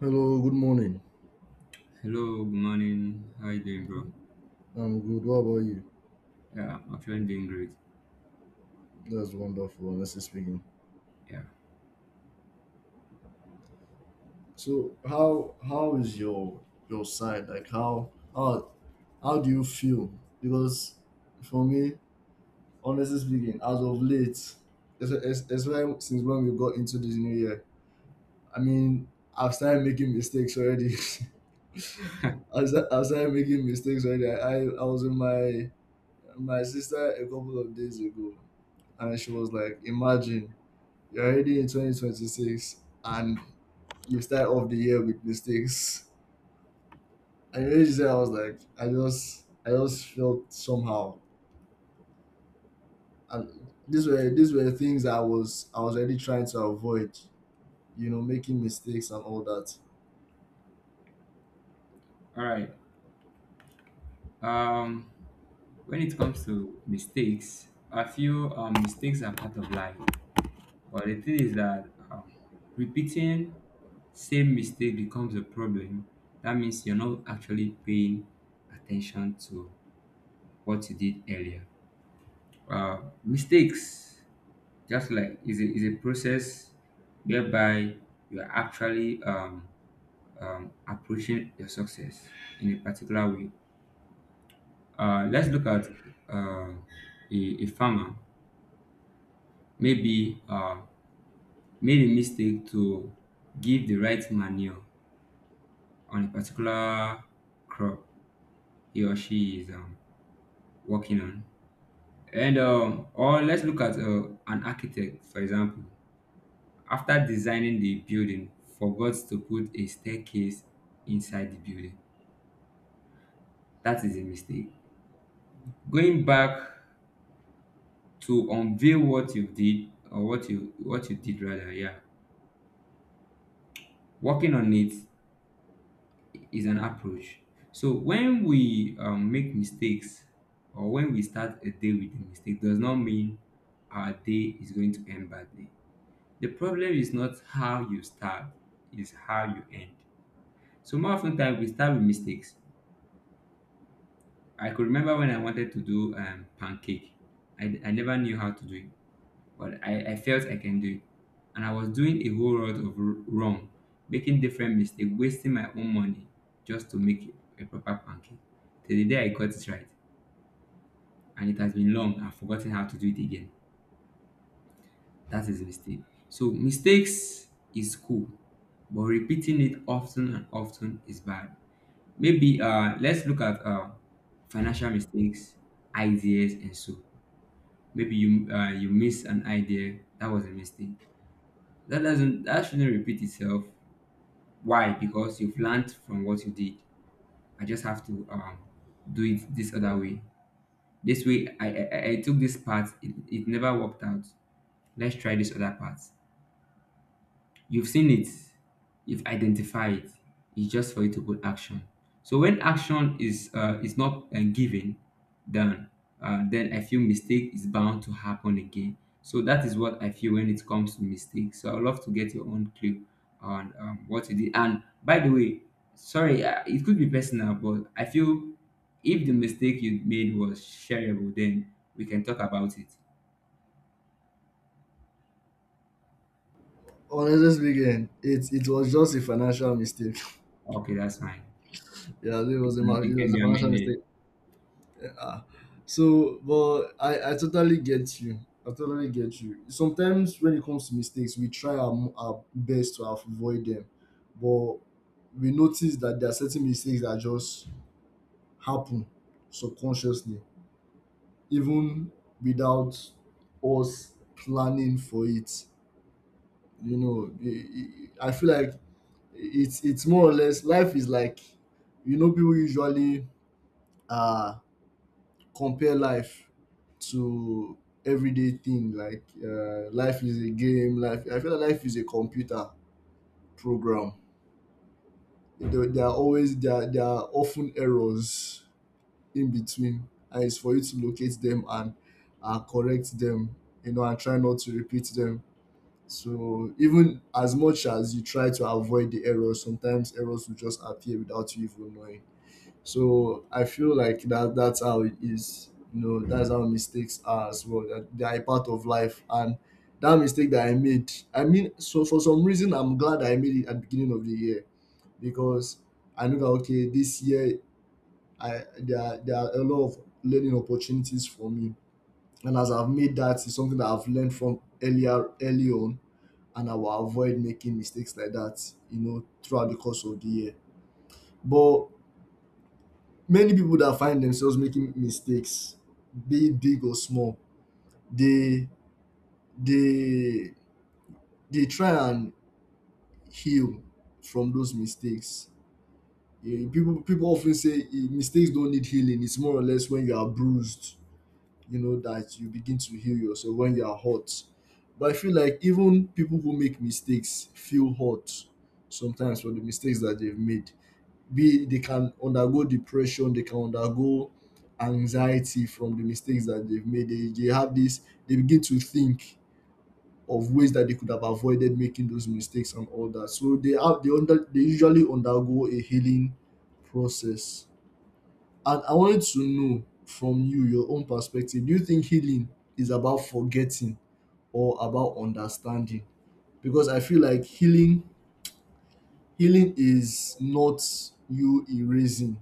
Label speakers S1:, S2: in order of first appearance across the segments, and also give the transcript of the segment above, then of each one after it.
S1: Hello, good morning.
S2: Hello, good morning. How you doing, bro?
S1: I'm good. What about you?
S2: Yeah, I'm actually doing great.
S1: That's wonderful, honestly speaking.
S2: Yeah.
S1: So how is your side? Like how how do you feel? Because for me, honestly speaking, as of late, especially since when we got into this new year, I mean, I've started making mistakes already. I started making mistakes already. I was with my sister a couple of days ago, and she was like, "Imagine. You're already in 2026 and you start off the year with mistakes." And you just I was like, I just felt somehow, and these were things I was already trying to avoid, making mistakes and all that.
S2: All right. Um, when it comes to mistakes, I feel mistakes are part of life. But the thing is that repeating same mistake becomes a problem. That means you're not actually paying attention to what you did earlier. Mistakes, just like is a process whereby you are actually appreciate your success in a particular way. Let's look at uh, a farmer maybe made a mistake to give the right manure on a particular crop he or she is working on. And or let's look at an architect, for example, after designing the building, forgot to put a staircase inside the building. That is a mistake. Going back to unveil what you did or what you did rather, yeah, working on it is an approach. So when we make mistakes or when we start a day with a mistake does not mean our day is going to end badly. The problem is not how you start, is how you end. So more often time we start with mistakes. I could remember when I wanted to do pancake. I never knew how to do it, but I felt I can do it. And I was doing a whole lot of wrong, making different mistakes, wasting my own money just to make a proper pancake. Till the day I got it right, and it has been long, I've forgotten how to do it again. That is a mistake. So mistakes is cool, but repeating it often and often is bad. Maybe let's look at financial mistakes, ideas, and so. Maybe you miss an idea that was a mistake. That shouldn't repeat itself. Why? Because you've learned from what you did. I just have to do it this other way. This way I took this part, it never worked out. Let's try this other part. You've seen it, you've identified. It's just for you to put action. So when action is not given, then then I feel mistake is bound to happen again. So that is what I feel when it comes to mistakes. So I'd love to get your own clue on what you did. And by the way, sorry, it could be personal, but I feel if the mistake you made was shareable, then we can talk about it.
S1: Honestly speaking, it was just a financial mistake.
S2: Okay, that's fine.
S1: Yeah, it
S2: It
S1: was a
S2: can,
S1: it
S2: it can
S1: was a
S2: be
S1: financial
S2: amended.
S1: mistake. Ah, so but I totally get you. I totally get you. Sometimes when it comes to mistakes, we try our best to avoid them, but we notice that there are certain mistakes that just happen subconsciously, even without us planning for it. You know, I feel like it's more or less life is like, you know, people usually uh compare life to everyday thing like life is a game. Life, I feel like life is a computer program. There are always there are often errors in between, and it's for you to locate them and correct them, you know, and try not to repeat them. So even as much as you try to avoid the errors, sometimes errors will just appear without you even knowing. So I feel like that's how it is. You know, that's how mistakes are as well. That they are a part of life. And that mistake that I made, so for some reason, I'm glad I made it at the beginning of the year, because I know that okay, this year I there are a lot of learning opportunities for me. And as I've made that, it's something that I've learned from earlier early on, and I will avoid making mistakes like that, you know, throughout the course of the year. But many people that find themselves making mistakes, be it big or small, they they they try and heal from those mistakes. Eh, people often say, eh, mistakes don't need healing. It's more or less when you are bruised, you know, that you begin to heal yourself when you are hurt. But I feel like even people who make mistakes feel hurt sometimes for the mistakes that they've made. Be They can undergo depression, they can undergo anxiety from the mistakes that they've made. They have this, they begin to think of ways that they could have avoided making those mistakes and all that. So they have they usually undergo a healing process. And I wanted to know from you, your own perspective, do you think healing is about forgetting or about understanding? Because I feel like healing is not you erasing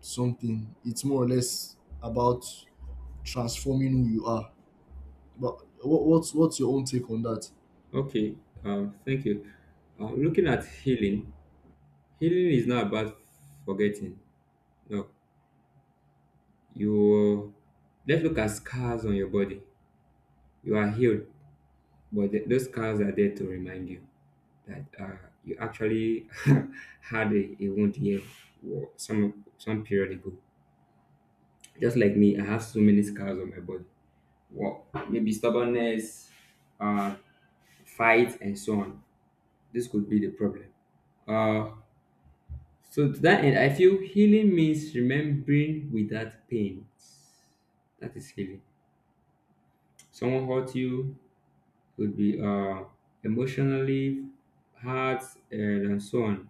S1: something. It's more or less about transforming who you are. But what's your own take on that?
S2: Okay, thank you. Looking at healing, healing is not about forgetting. No, you let's look at scars on your body. You are healed, but those scars are there to remind you that you actually had a wound here some period ago. Just like me, I have so many scars on my body. Well, maybe stubbornness, uh, fight, and so on. This could be the problem. Uh, So to that end, I feel healing means remembering without pain. That is healing. Someone hurt you could be emotionally hurt, and so on.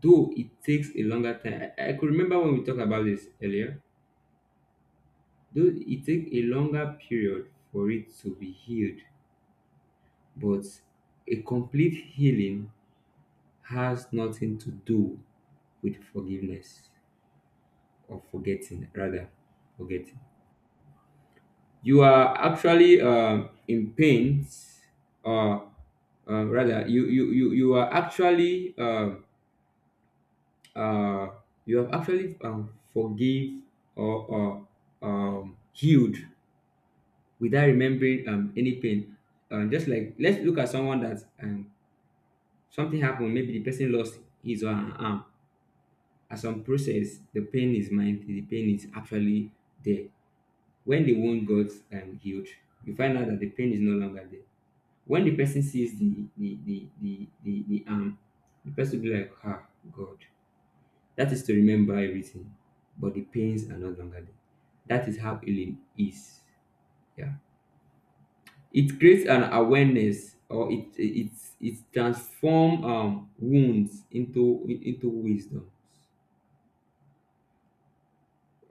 S2: Though it takes a longer time. I could remember when we talked about this earlier. Though it takes a longer period for it to be healed, but a complete healing has nothing to do with forgiveness or forgetting, rather forgetting. You are actually in pain or rather you are actually uh, you have actually forgive or healed without remembering any pain. Just like let's look at someone that something happened, maybe the person lost his or her arm as some process. The pain is mind, the pain is actually there. When the wound got healed, you find out that the pain is no longer there. When the person sees the arm, the person will be like, ah, God. That is to remember everything, but the pains are no longer there. That is how healing is. Yeah. It creates an awareness, or it it transforms wounds into wisdom.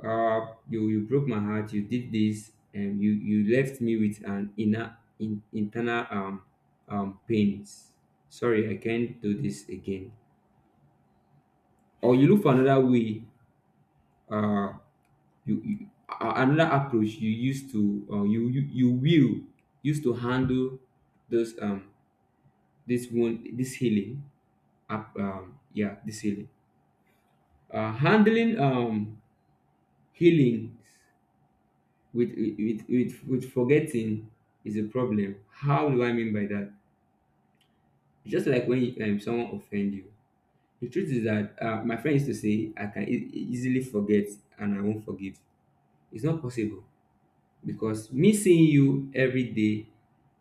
S2: you broke my heart, you did this, and you left me with an inner, internal pains. Sorry, I can't do this again. Or you look for another way. uh, Another approach you used to you will use to handle this, this wound, this healing up yeah, this healing, handling, healing with forgetting is a problem. How do I mean by that? Just like when someone offend you, the truth is that my friend used to say I can easily forget and I won't forgive. It's not possible, because me seeing you every day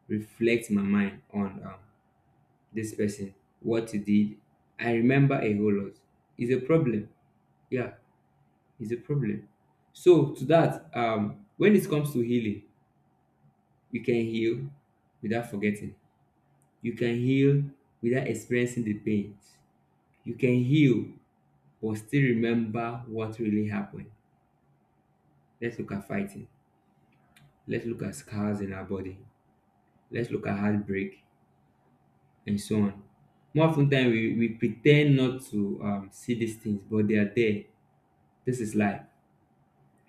S2: reflects my mind on this person, what he did. I remember a whole lot. It's a problem. Yeah, it's a problem. So to that, when it comes to healing, you can heal without forgetting. You can heal without experiencing the pain. You can heal but still remember what really happened. Let's look at fighting. Let's look at scars in our body. Let's look at heartbreak, and so on. More often ten time we pretend not to see these things, but they are there. This is life.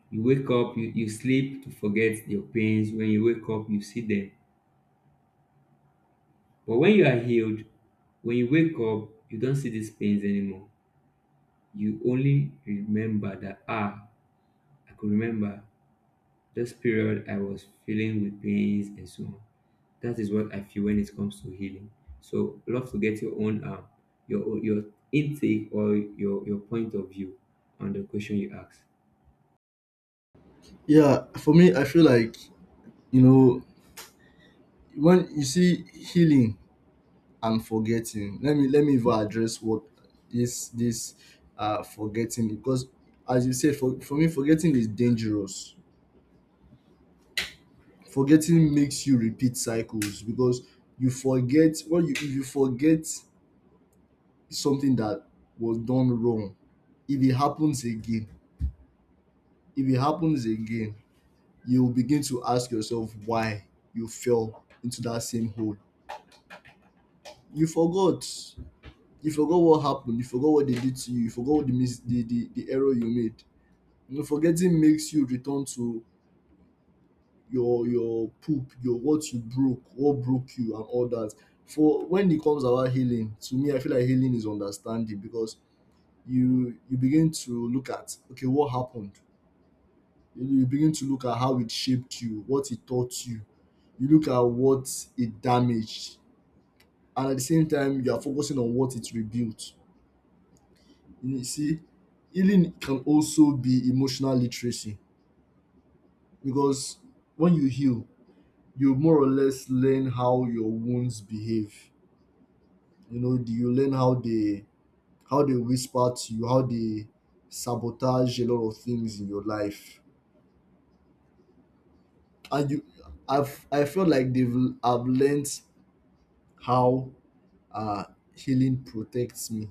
S2: You wake up, you sleep to forget your pains. When you wake up, you see them. But when you are healed, when you wake up, you don't see these pains anymore. You only remember that ah, I could remember this period, I was feeling with pains and so on. That is what I feel when it comes to healing. So, love to get your own, your intake, or your point of view on the question you asked.
S1: Yeah, for me, I feel like, you know, when you see healing and forgetting. Let me even address what is this forgetting, because as you said, for me, forgetting is dangerous. Forgetting makes you repeat cycles, because you forget what you if you forget something that was done wrong. If it happens again, if it happens again, you will begin to ask yourself why you fell into that same hole. You forgot. You forgot what happened. You forgot what they did to you. You forgot what the mis- the error you made. You know, forgetting makes you return to your poop, your what you broke, what broke you, and all that. For when it comes about healing, to me, I feel like healing is understanding, because you begin to look at okay, what happened. You know, you begin to look at how it shaped you, what it taught you. You look at what it damaged. And at the same time, you are focusing on what it rebuilt. You see, healing can also be emotional literacy, because when you heal, you more or less learn how your wounds behave. You know, you learn how they whisper to you, how they sabotage a lot of things in your life. And you I feel like they've I've learned how. Uh, Healing protects me.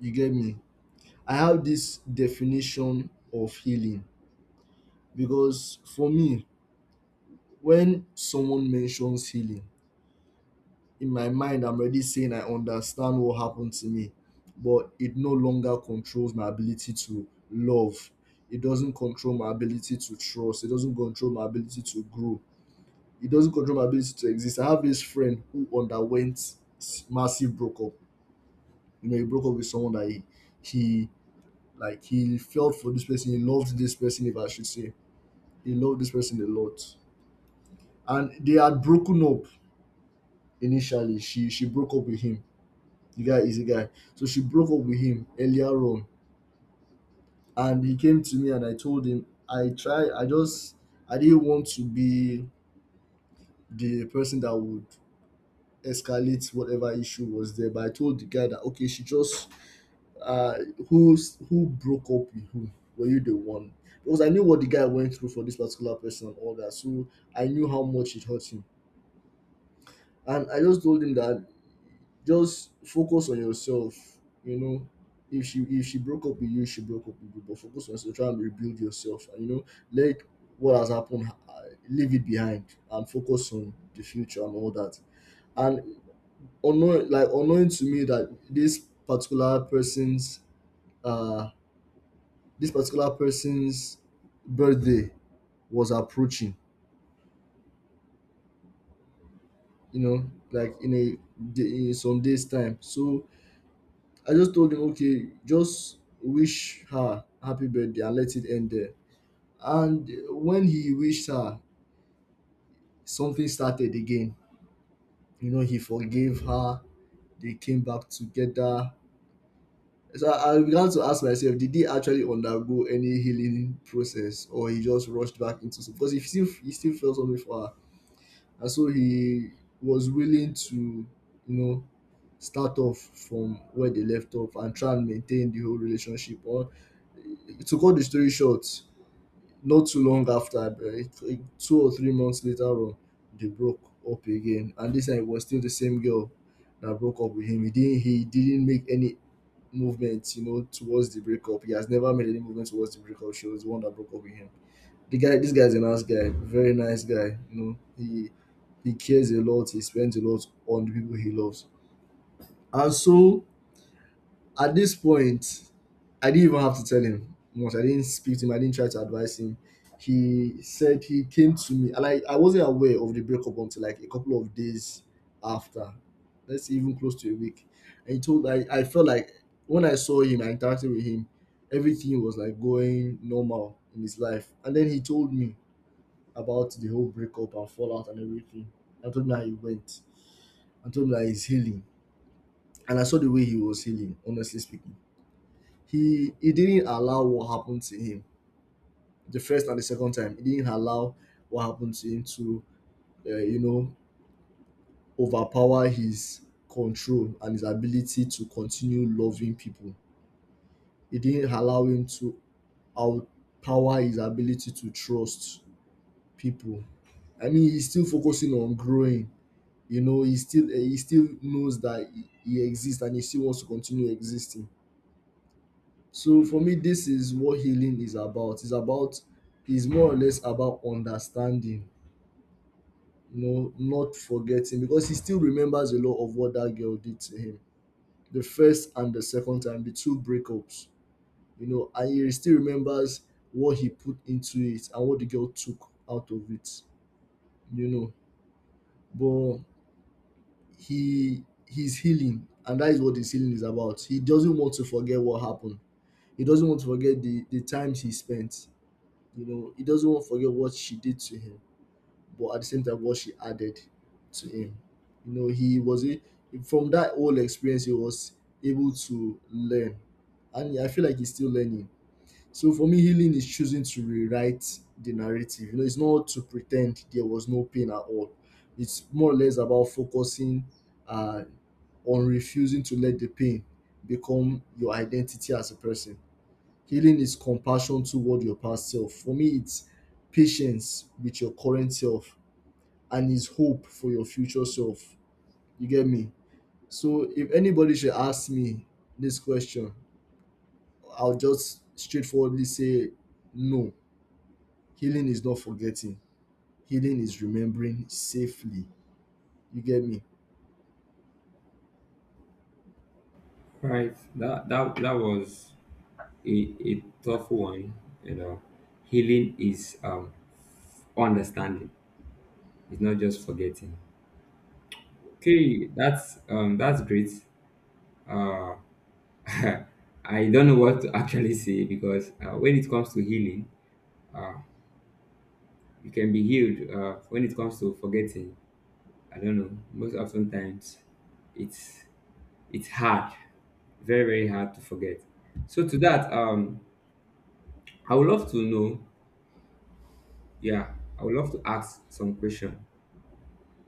S1: You get me? I have this definition of healing, because for me, when someone mentions healing, in my mind, I'm already saying I understand what happened to me, but it no longer controls my ability to love. It doesn't control my ability to trust. It doesn't control my ability to grow. It doesn't control my ability to exist. I have this friend who underwent massive breakup. You know, he broke up with someone that he like, he felt for this person, he loved this person, if I should say. He loved this person a lot. And they had broken up initially. She broke up with him. The guy is a guy. So she broke up with him earlier on. And he came to me and I told him I just I didn't want to be the person that would escalate whatever issue was there. But I told the guy that okay, she just uh who's who broke up with who, were you the one? Because I knew what the guy went through for this particular person and all that. So I knew how much it hurt him, and I just told him that just focus on yourself. You know, if she, if she broke up with you, she broke up with you, but focus on yourself, try and rebuild yourself, and you know, let what has happened, leave it behind and focus on the future and all that. And unknown, like unknowing to me, that this particular person's uh this particular person's birthday was approaching, you know, like in a day, in some days time. So I just told him, okay, just wish her happy birthday and let it end there. And when he wished her, something started again. You know, he forgave her. They came back together. So I began to ask myself, did he actually undergo any healing process, or he just rushed back into? Because he still felt something for her. And so he was willing to, you know, start off from where they left off and try and maintain the whole relationship. Or to cut the story short, not too long after, 2 or 3 months later on, they broke up again. And this time it was still the same girl that broke up with him. He didn't make any movement, you know, towards the breakup. He has never made any movement towards the breakup. She was the one that broke up with him. The guy, this guy's a nice guy, very nice guy. You know, he cares a lot. He spends a lot on the people he loves. And so at this point, I didn't even have to tell him much. I didn't speak to him. I didn't try to advise him. He said he came to me, and I wasn't aware of the breakup until like a couple of days after. Let's say even close to a week. And he told I felt like when I saw him, I interacted with him, everything was like going normal in his life. And then he told me about the whole breakup and fallout and everything. I told me how he went. I told me that he's healing. And I saw the way he was healing, honestly speaking. He didn't allow what happened to him the first and the second time. He didn't allow what happened to him to, you know, overpower his control and his ability to continue loving people. He didn't allow him to outpower his ability to trust people. I mean, he's still focusing on growing. He still knows that he exists and he still wants to continue existing. So for me, this is what healing is about. It's about, it's more or less about understanding, not forgetting, because he still remembers a lot of what that girl did to him the first and the second time, the two breakups. And he still remembers what he put into it and what the girl took out of it. you know but he's healing, and that is what his healing is about. He doesn't want to forget what happened. He doesn't want to forget the times he spent. He doesn't want to forget what she did to him, but at the same time what she added to him. He was a, from that whole experience he was able to learn. And I feel like he's still learning. So for me, healing is choosing to rewrite the narrative. It's not to pretend there was no pain at all. It's more or less about focusing uh on refusing to let the pain become your identity as a person. Healing is compassion toward your past self. For me, it's patience with your current self and is hope for your future self. You get me? So if anybody should ask me this question, I'll just straightforwardly say no. Healing is not forgetting. Healing is remembering safely. You get me?
S2: Right. That was a tough one. You know, healing is understanding. It's not just forgetting. Okay, that's great. Uh, I don't know what to actually say, because when it comes to healing, you can be healed when it comes to forgetting. I don't know. Most often times, it's it's hard, very very hard to forget. So to that, I would love to know. Yeah, I would love to ask some question.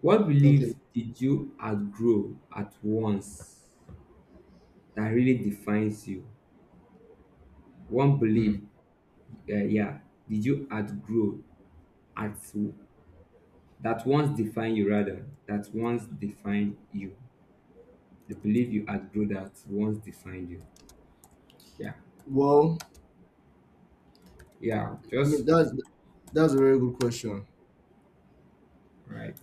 S2: What
S1: Okay.
S2: belief did you outgrow at once that really defines you? One belief,
S1: Mm.
S2: yeah, did you outgrow at that once define you, rather, that once define you? The belief you outgrow that once defined you. Yeah,
S1: Well,
S2: yeah,
S1: I mean
S2: just
S1: that's a very good question.
S2: right.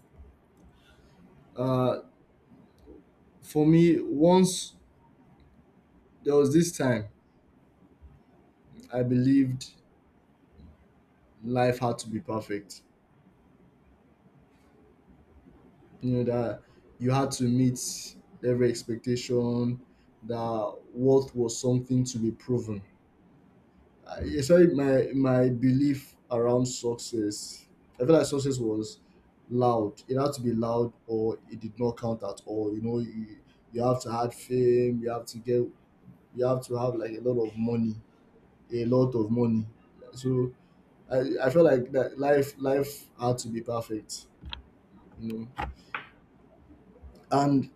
S1: Uh For me, once there was this time I believed life had to be perfect. You know that you had to meet every expectation, that worth was something to be proven. Especially my belief around success. I feel like success was loud. It had to be loud, or it did not count at all. You know, you have to have fame. You have to get. You have to have like a lot of money, a lot of money. So I feel like that life had to be perfect, you know. And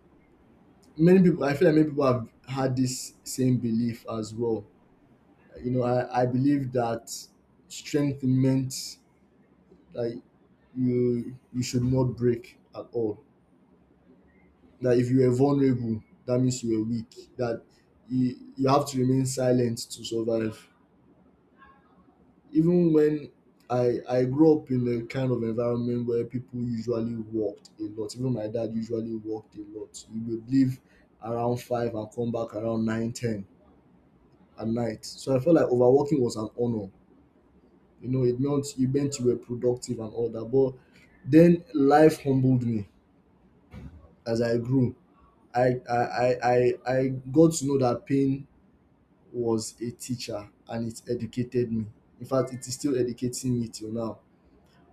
S1: many people, I feel like many people have had this same belief as well. You know, I believe that strength meant that you should not break at all. That if you are vulnerable, that means you are weak. That you have to remain silent to survive, even when I grew up in a kind of environment where people usually walked a lot. Even my dad usually walked a lot. He would leave around 5 and come back around 9, 10 at night. So I felt like overworking was an honor. You know, it meant you were productive and all that. But then life humbled me as I grew. I got to know that pain was a teacher and it educated me. In fact, it is still educating me till now.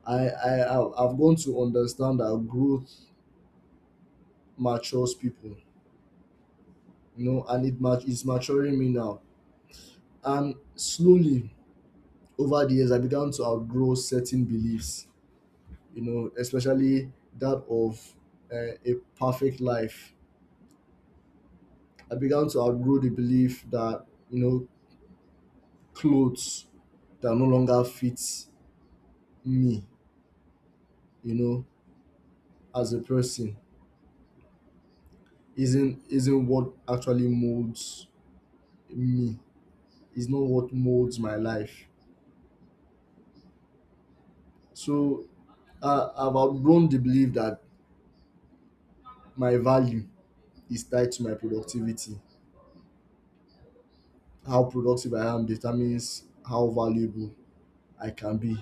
S1: I've gone to understand that growth matures people, you know, and it's maturing me now. And slowly over the years, I began to outgrow certain beliefs, you know, especially that of a perfect life. I began to outgrow the belief that, you know, clothes that no longer fits me, you know, as a person isn't what actually molds me. It's not what molds my life. So I've outgrown the belief that my value is tied to my productivity. How productive I am determines how valuable I can be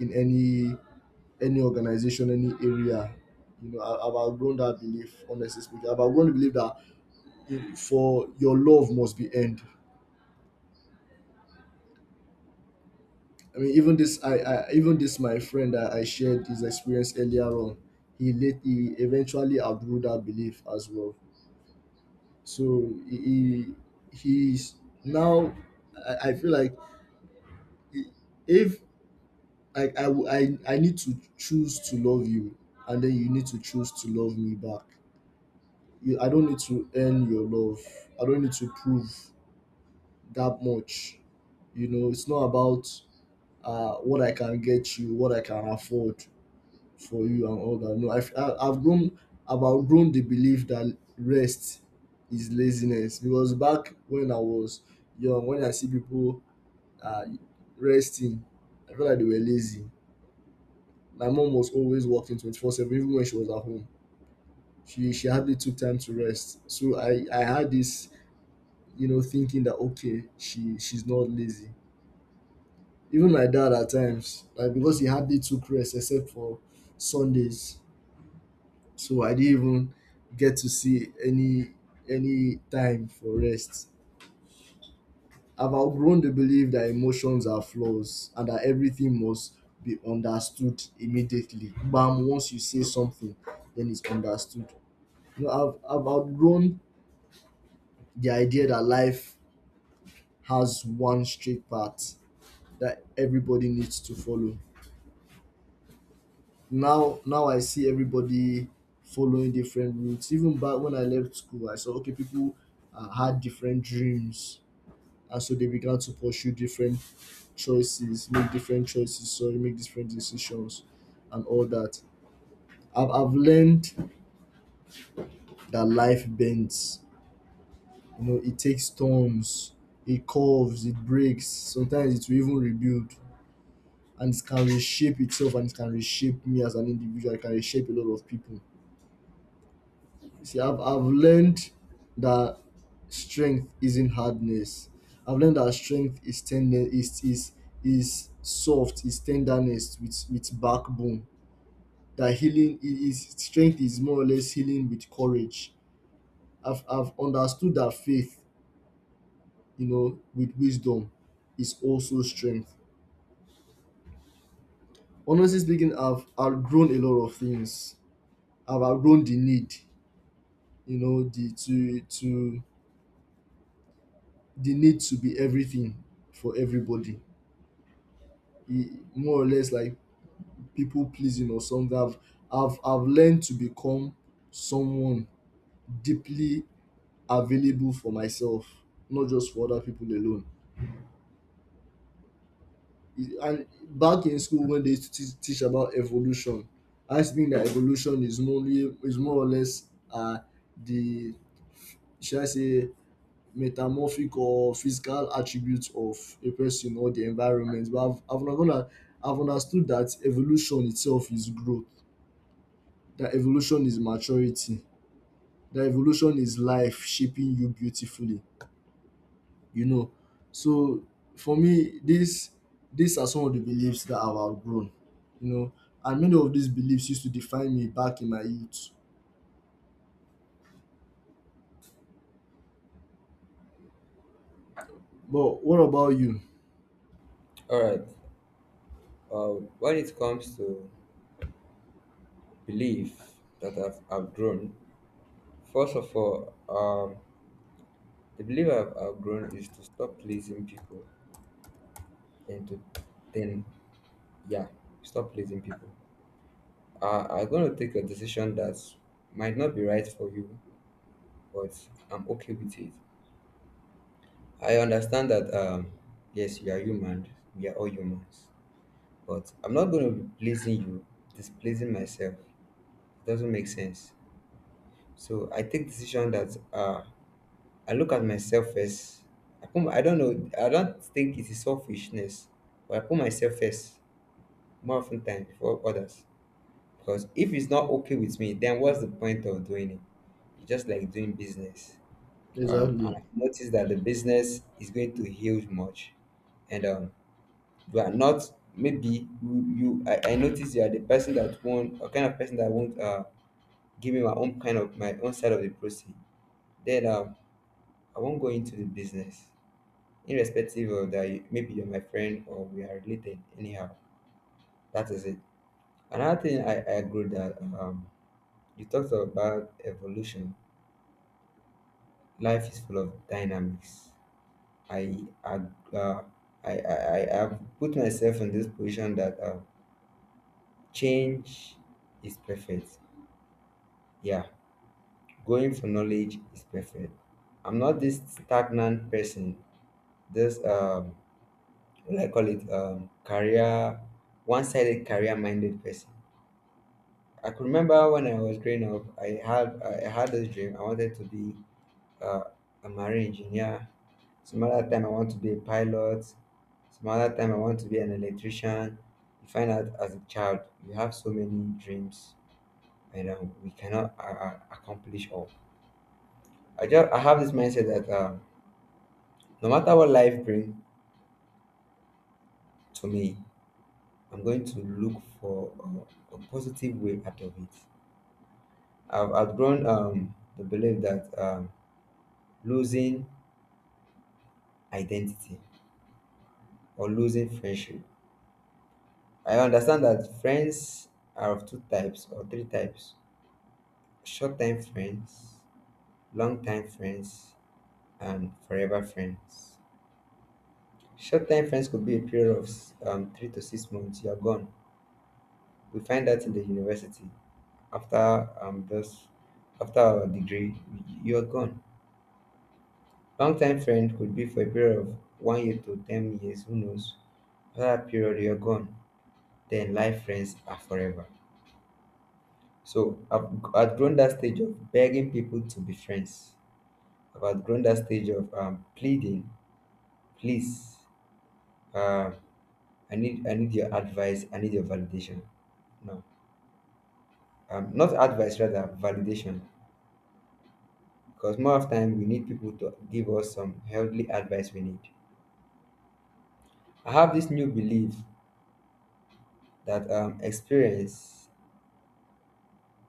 S1: in any organization, any area. You know, I've outgrown that belief. Honestly speaking, I've outgrown the belief that for your love must be earned. I mean, even this, I even this, my friend, I shared his experience earlier on. He eventually outgrew that belief as well. So he's now, I feel like if I need to choose to love you, and then you need to choose to love me back. You, I don't need to earn your love. I don't need to prove that much. You know, it's not about what I can get you, what I can afford for you and all that. No, I've grown, I've outgrown the belief that rest is laziness, because back when I was young, when I see people uh, resting, I felt like they were lazy. My mom was always working 24/7, even when she was at home. She hardly took time to rest. So I had this, you know, thinking that, okay, she's not lazy. Even my dad at times, like, because he hardly took rest except for Sundays. So I didn't even get to see any time for rest. I've outgrown the belief that emotions are flaws and that everything must be understood immediately. Bam, once you say something, then it's understood. You know, I've outgrown the idea that life has one straight path that everybody needs to follow. Now I see everybody following different routes. Even back when I left school, I saw, okay, people had different dreams, and so they began to pursue different choices make different choices, sorry, make different decisions and all that. I've learned that life bends, you know, it takes turns, it curves, it breaks, sometimes it will even rebuild, and it can reshape itself, and it can reshape me as an individual, it can reshape a lot of people. See, I've learned that strength isn't hardness. I've learned that strength is tender, is soft, is tenderness with backbone. That healing is strength is more or less healing with courage. I've understood that faith, you know, with wisdom, is also strength. Honestly speaking, I've outgrown a lot of things. I've outgrown the need, you know, the need to be everything for everybody. More or less like people pleasing or something. I've learned to become someone deeply available for myself, not just for other people alone. And back in school when they used to teach about evolution, I think that evolution is more or less the, should I say, metamorphic or physical attributes of a person or the environment. But I've not gonna I've understood that evolution itself is growth. That evolution is maturity, that evolution is life shaping you beautifully, you know. So for me, this these are some of the beliefs that I've outgrown, you know, and many of these beliefs used to define me back in my youth. But what about you?
S2: All right. When it comes to belief that I've outgrown, first of all, the belief I've outgrown is to stop pleasing people and to then, yeah, stop pleasing people. I'm going to take a decision that might not be right for you, but I'm okay with it. I understand that, yes, you are human, we are all humans. But I'm not going to be pleasing you, displeasing myself. It doesn't make sense. So I take decision that I look at myself first. I put, I don't know. I don't think it is selfishness, but I put myself first more often time before others. Because if it's not okay with me, then what's the point of doing it? It's just like doing business. And
S1: Exactly.
S2: I noticed that the business is going to huge much, and you are not maybe you, you I noticed you are the person that won't, a kind of person that won't give me my own kind of my own side of the process. Then I won't go into the business, irrespective of that. Maybe you're my friend or we are related. Anyhow, that is it. Another thing I agree that you talked about evolution. Life is full of dynamics. I I uh, I have put myself in this position that change is perfect. Yeah, going for knowledge is perfect. I'm not this stagnant person. This what do I call it? Career, one-sided career-minded person. I could remember when I was growing up, I had this dream. I wanted to be uh, a marine engineer. Some other time I want to be a pilot. Some other time I want to be an electrician. You find out as a child you have so many dreams, and we cannot accomplish all. I have this mindset that no matter what life brings to me, I'm going to look for a positive way out of it. I've outgrown the belief that losing identity or losing friendship. I understand that friends are of two types or three types: short time friends, long time friends, and forever friends. Short time friends could be a period of 3 to 6 months, you're gone. We find that in the university. After um, those, after our degree, you're gone. Long time friend could be for a period of 1 year to 10 years, who knows? That period you're gone, then life friends are forever. so i've, I've grown that stage of begging people to be friends. I've outgrown that stage of pleading. Please, uh, I need your advice, I need your validation. No, not advice, rather validation, because more of time we need people to give us some healthy advice we need. I have this new belief that experience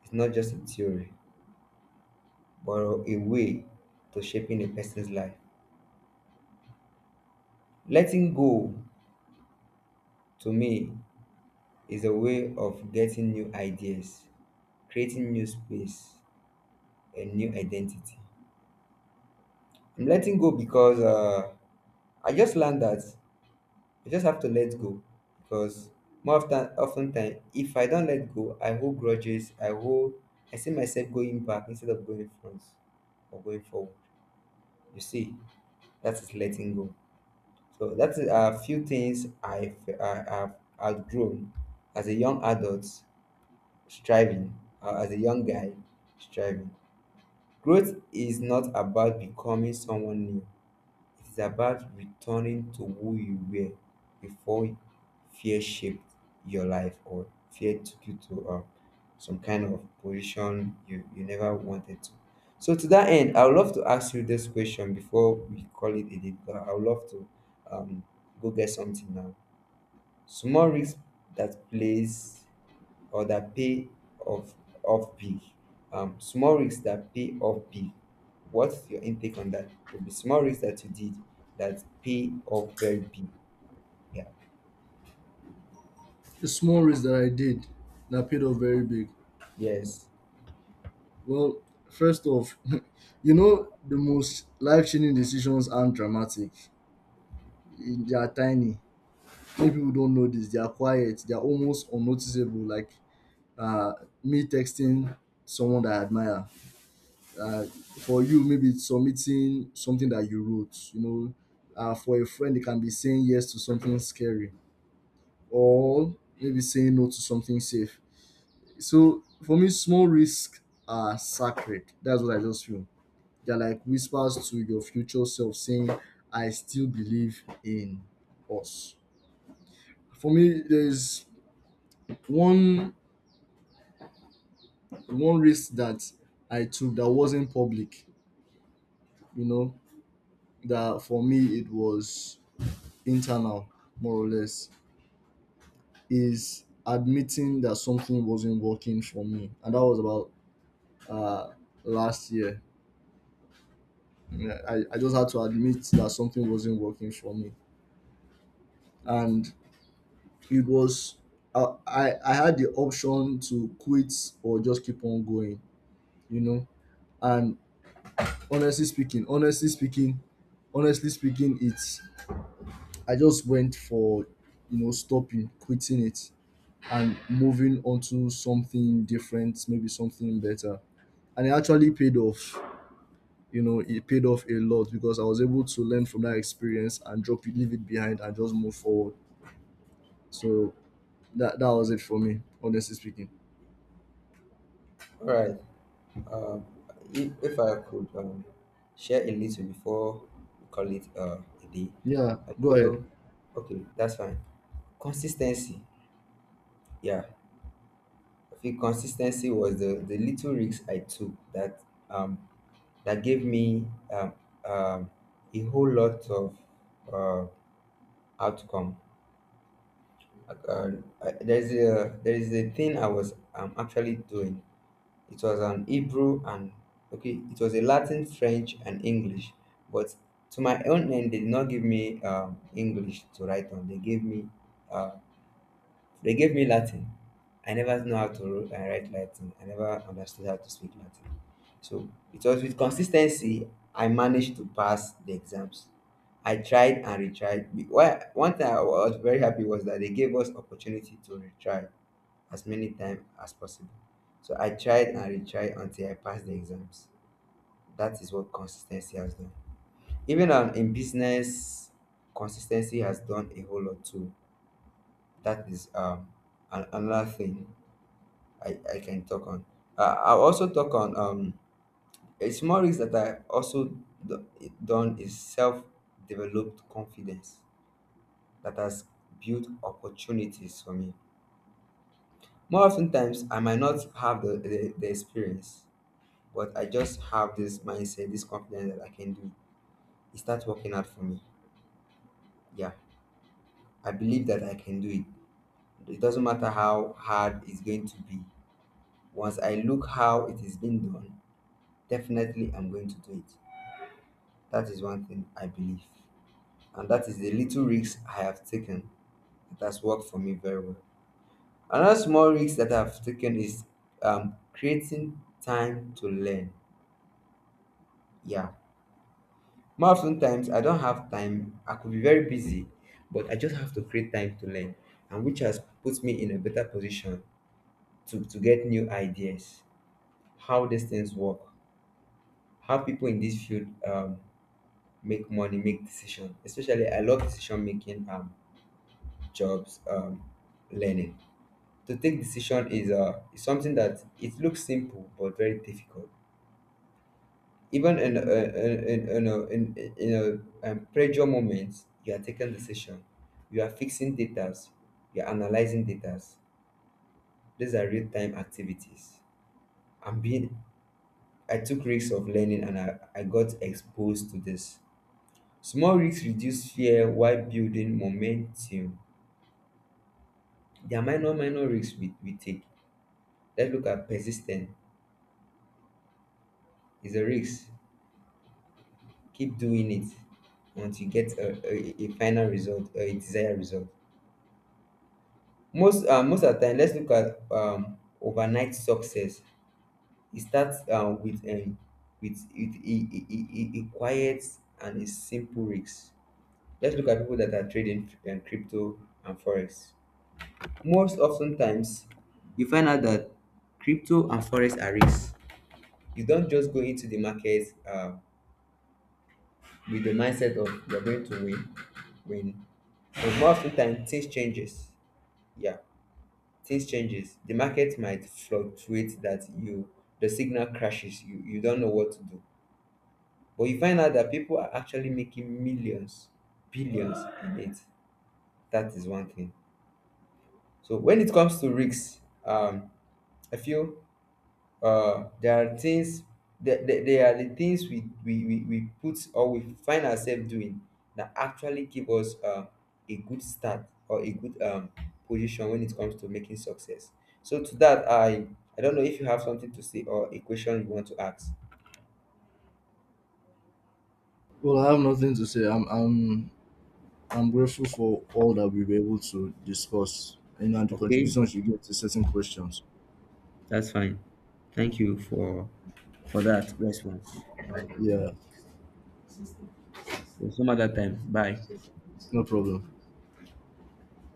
S2: is not just a theory but a way to shaping a person's life. Letting go, to me, is a way of getting new ideas, creating new space, and new identity. I'm letting go because I just learned that I just have to let go, because more often, often time, if I don't let go, I hold grudges. I hold. I see myself going back instead of going front or going forward. You see, that is letting go. So that's a few things I've outgrown as a young adult striving, as a young guy striving. Growth is not about becoming someone new, it is about returning to who you were before fear shaped your life, or fear took you to some kind of position you never wanted to. So to that end, I would love to ask you this question before we call it a day. But I would love to um, go get something now. Small risk that plays, or that pay off, off big. Small risks that pay off big. What's your intake on that? Could be small risks that you did that pay off very big. Yeah.
S1: The small race that I did that paid off very big.
S2: Yes.
S1: Well, first off, you know the most life changing decisions aren't dramatic. They are tiny. Many people don't know this. They are quiet, they are almost unnoticeable, like uh, me texting someone that I admire. uh, for you, maybe it's submitting something that you wrote, you know, for a friend. They can be saying yes to something scary, or maybe saying no to something safe. So for me, small risks are sacred. That's what I just feel. They're like whispers to your future self saying, I still believe in us. For me, there's one one risk that I took that wasn't public, you know, that for me it was internal, more or less, is admitting that something wasn't working for me. And that was about uh, last year. Yeah, I just had to admit that something wasn't working for me. And it was, I had the option to quit or just keep on going, you know. And honestly speaking, honestly speaking, honestly speaking, it's I just went for, you know, stopping, quitting it, and moving on to something different, maybe something better. And it actually paid off. You know, it paid off a lot because I was able to learn from that experience and drop it, leave it behind, and just move forward. So that was it for me, honestly speaking.
S2: All right. Um, if I could share a little before we call it a day,
S1: Yeah,
S2: I
S1: go ahead.
S2: feel okay. That's fine. Consistency. Yeah, I think consistency was the little risks I took that um that gave me um, um, a whole lot of uh, outcome. Uh, uh, there is a, there is a thing I was actually doing. It was an Hebrew and okay, it was a Latin, French, and English. But to my own end, they did not give me English to write on. They gave me uh, Latin. I never know how to write Latin. I never understood how to speak Latin. So it was with consistency I managed to pass the exams. I tried and retried. One thing I was very happy was that they gave us opportunity to retry as many times as possible. So I tried and retried until I passed the exams. That is what consistency has done. Even in business, consistency has done a whole lot too. That is another thing I can talk on. I'll also talk on a small risk that I also do, done is self developed confidence that has built opportunities for me. More often times, I might not have the experience, but I just have this mindset, this confidence that I can do. It starts working out for me. Yeah, I believe that I can do it. It doesn't matter how hard it's going to be. Once I look how it is being done, definitely I'm going to do it. That is what I believe, and that is the little risk I have taken. It has worked for me very well. Another is creating time to learn. Yeah, more often times I don't have time. I could be very busy, but I just have to create time to learn, and which has put me in a better position to get new ideas, how these things work, how people in this field make money, make decisions. Especially, I love decision making jobs, learning. To take decision is something that it looks simple but very difficult. Even in a in in a in, in a pressure moment, you are taking decision, you are fixing data, you are analyzing data. These are real time activities. I'm being I took risks of learning and I got exposed to this. Small risks reduce fear while building momentum. There are minor risks we take. Let's look at persistence. It's a risk. Keep doing it until you get a final result, a desired result. Most most of the time, let's look at overnight success. It starts with a quiet and a simple risk. Let's look at people that are trading crypto and forex. Most oftentimes, you find out that crypto and forex are risks. You don't just go into the market with the mindset of you're going to win, win. But most of the time, things changes. Yeah, things changes. The market might fluctuate the signal crashes. You don't know what to do. But you find out that people are actually making millions, billions in it. That is one thing. So when it comes to risks, I feel there are things that there are the things we put, or we find ourselves doing, that actually give us a good start or a good position when it comes to making success. So to that, I don't know if you have something to say or a question you want to ask.
S1: Well, I have nothing to say. I'm grateful for all that we were able to discuss and, the
S2: Okay,
S1: contributions you gave to certain questions.
S2: that's fine. Thank you for that response. All right.
S1: Yeah,
S2: So some other time. Bye.
S1: no problem.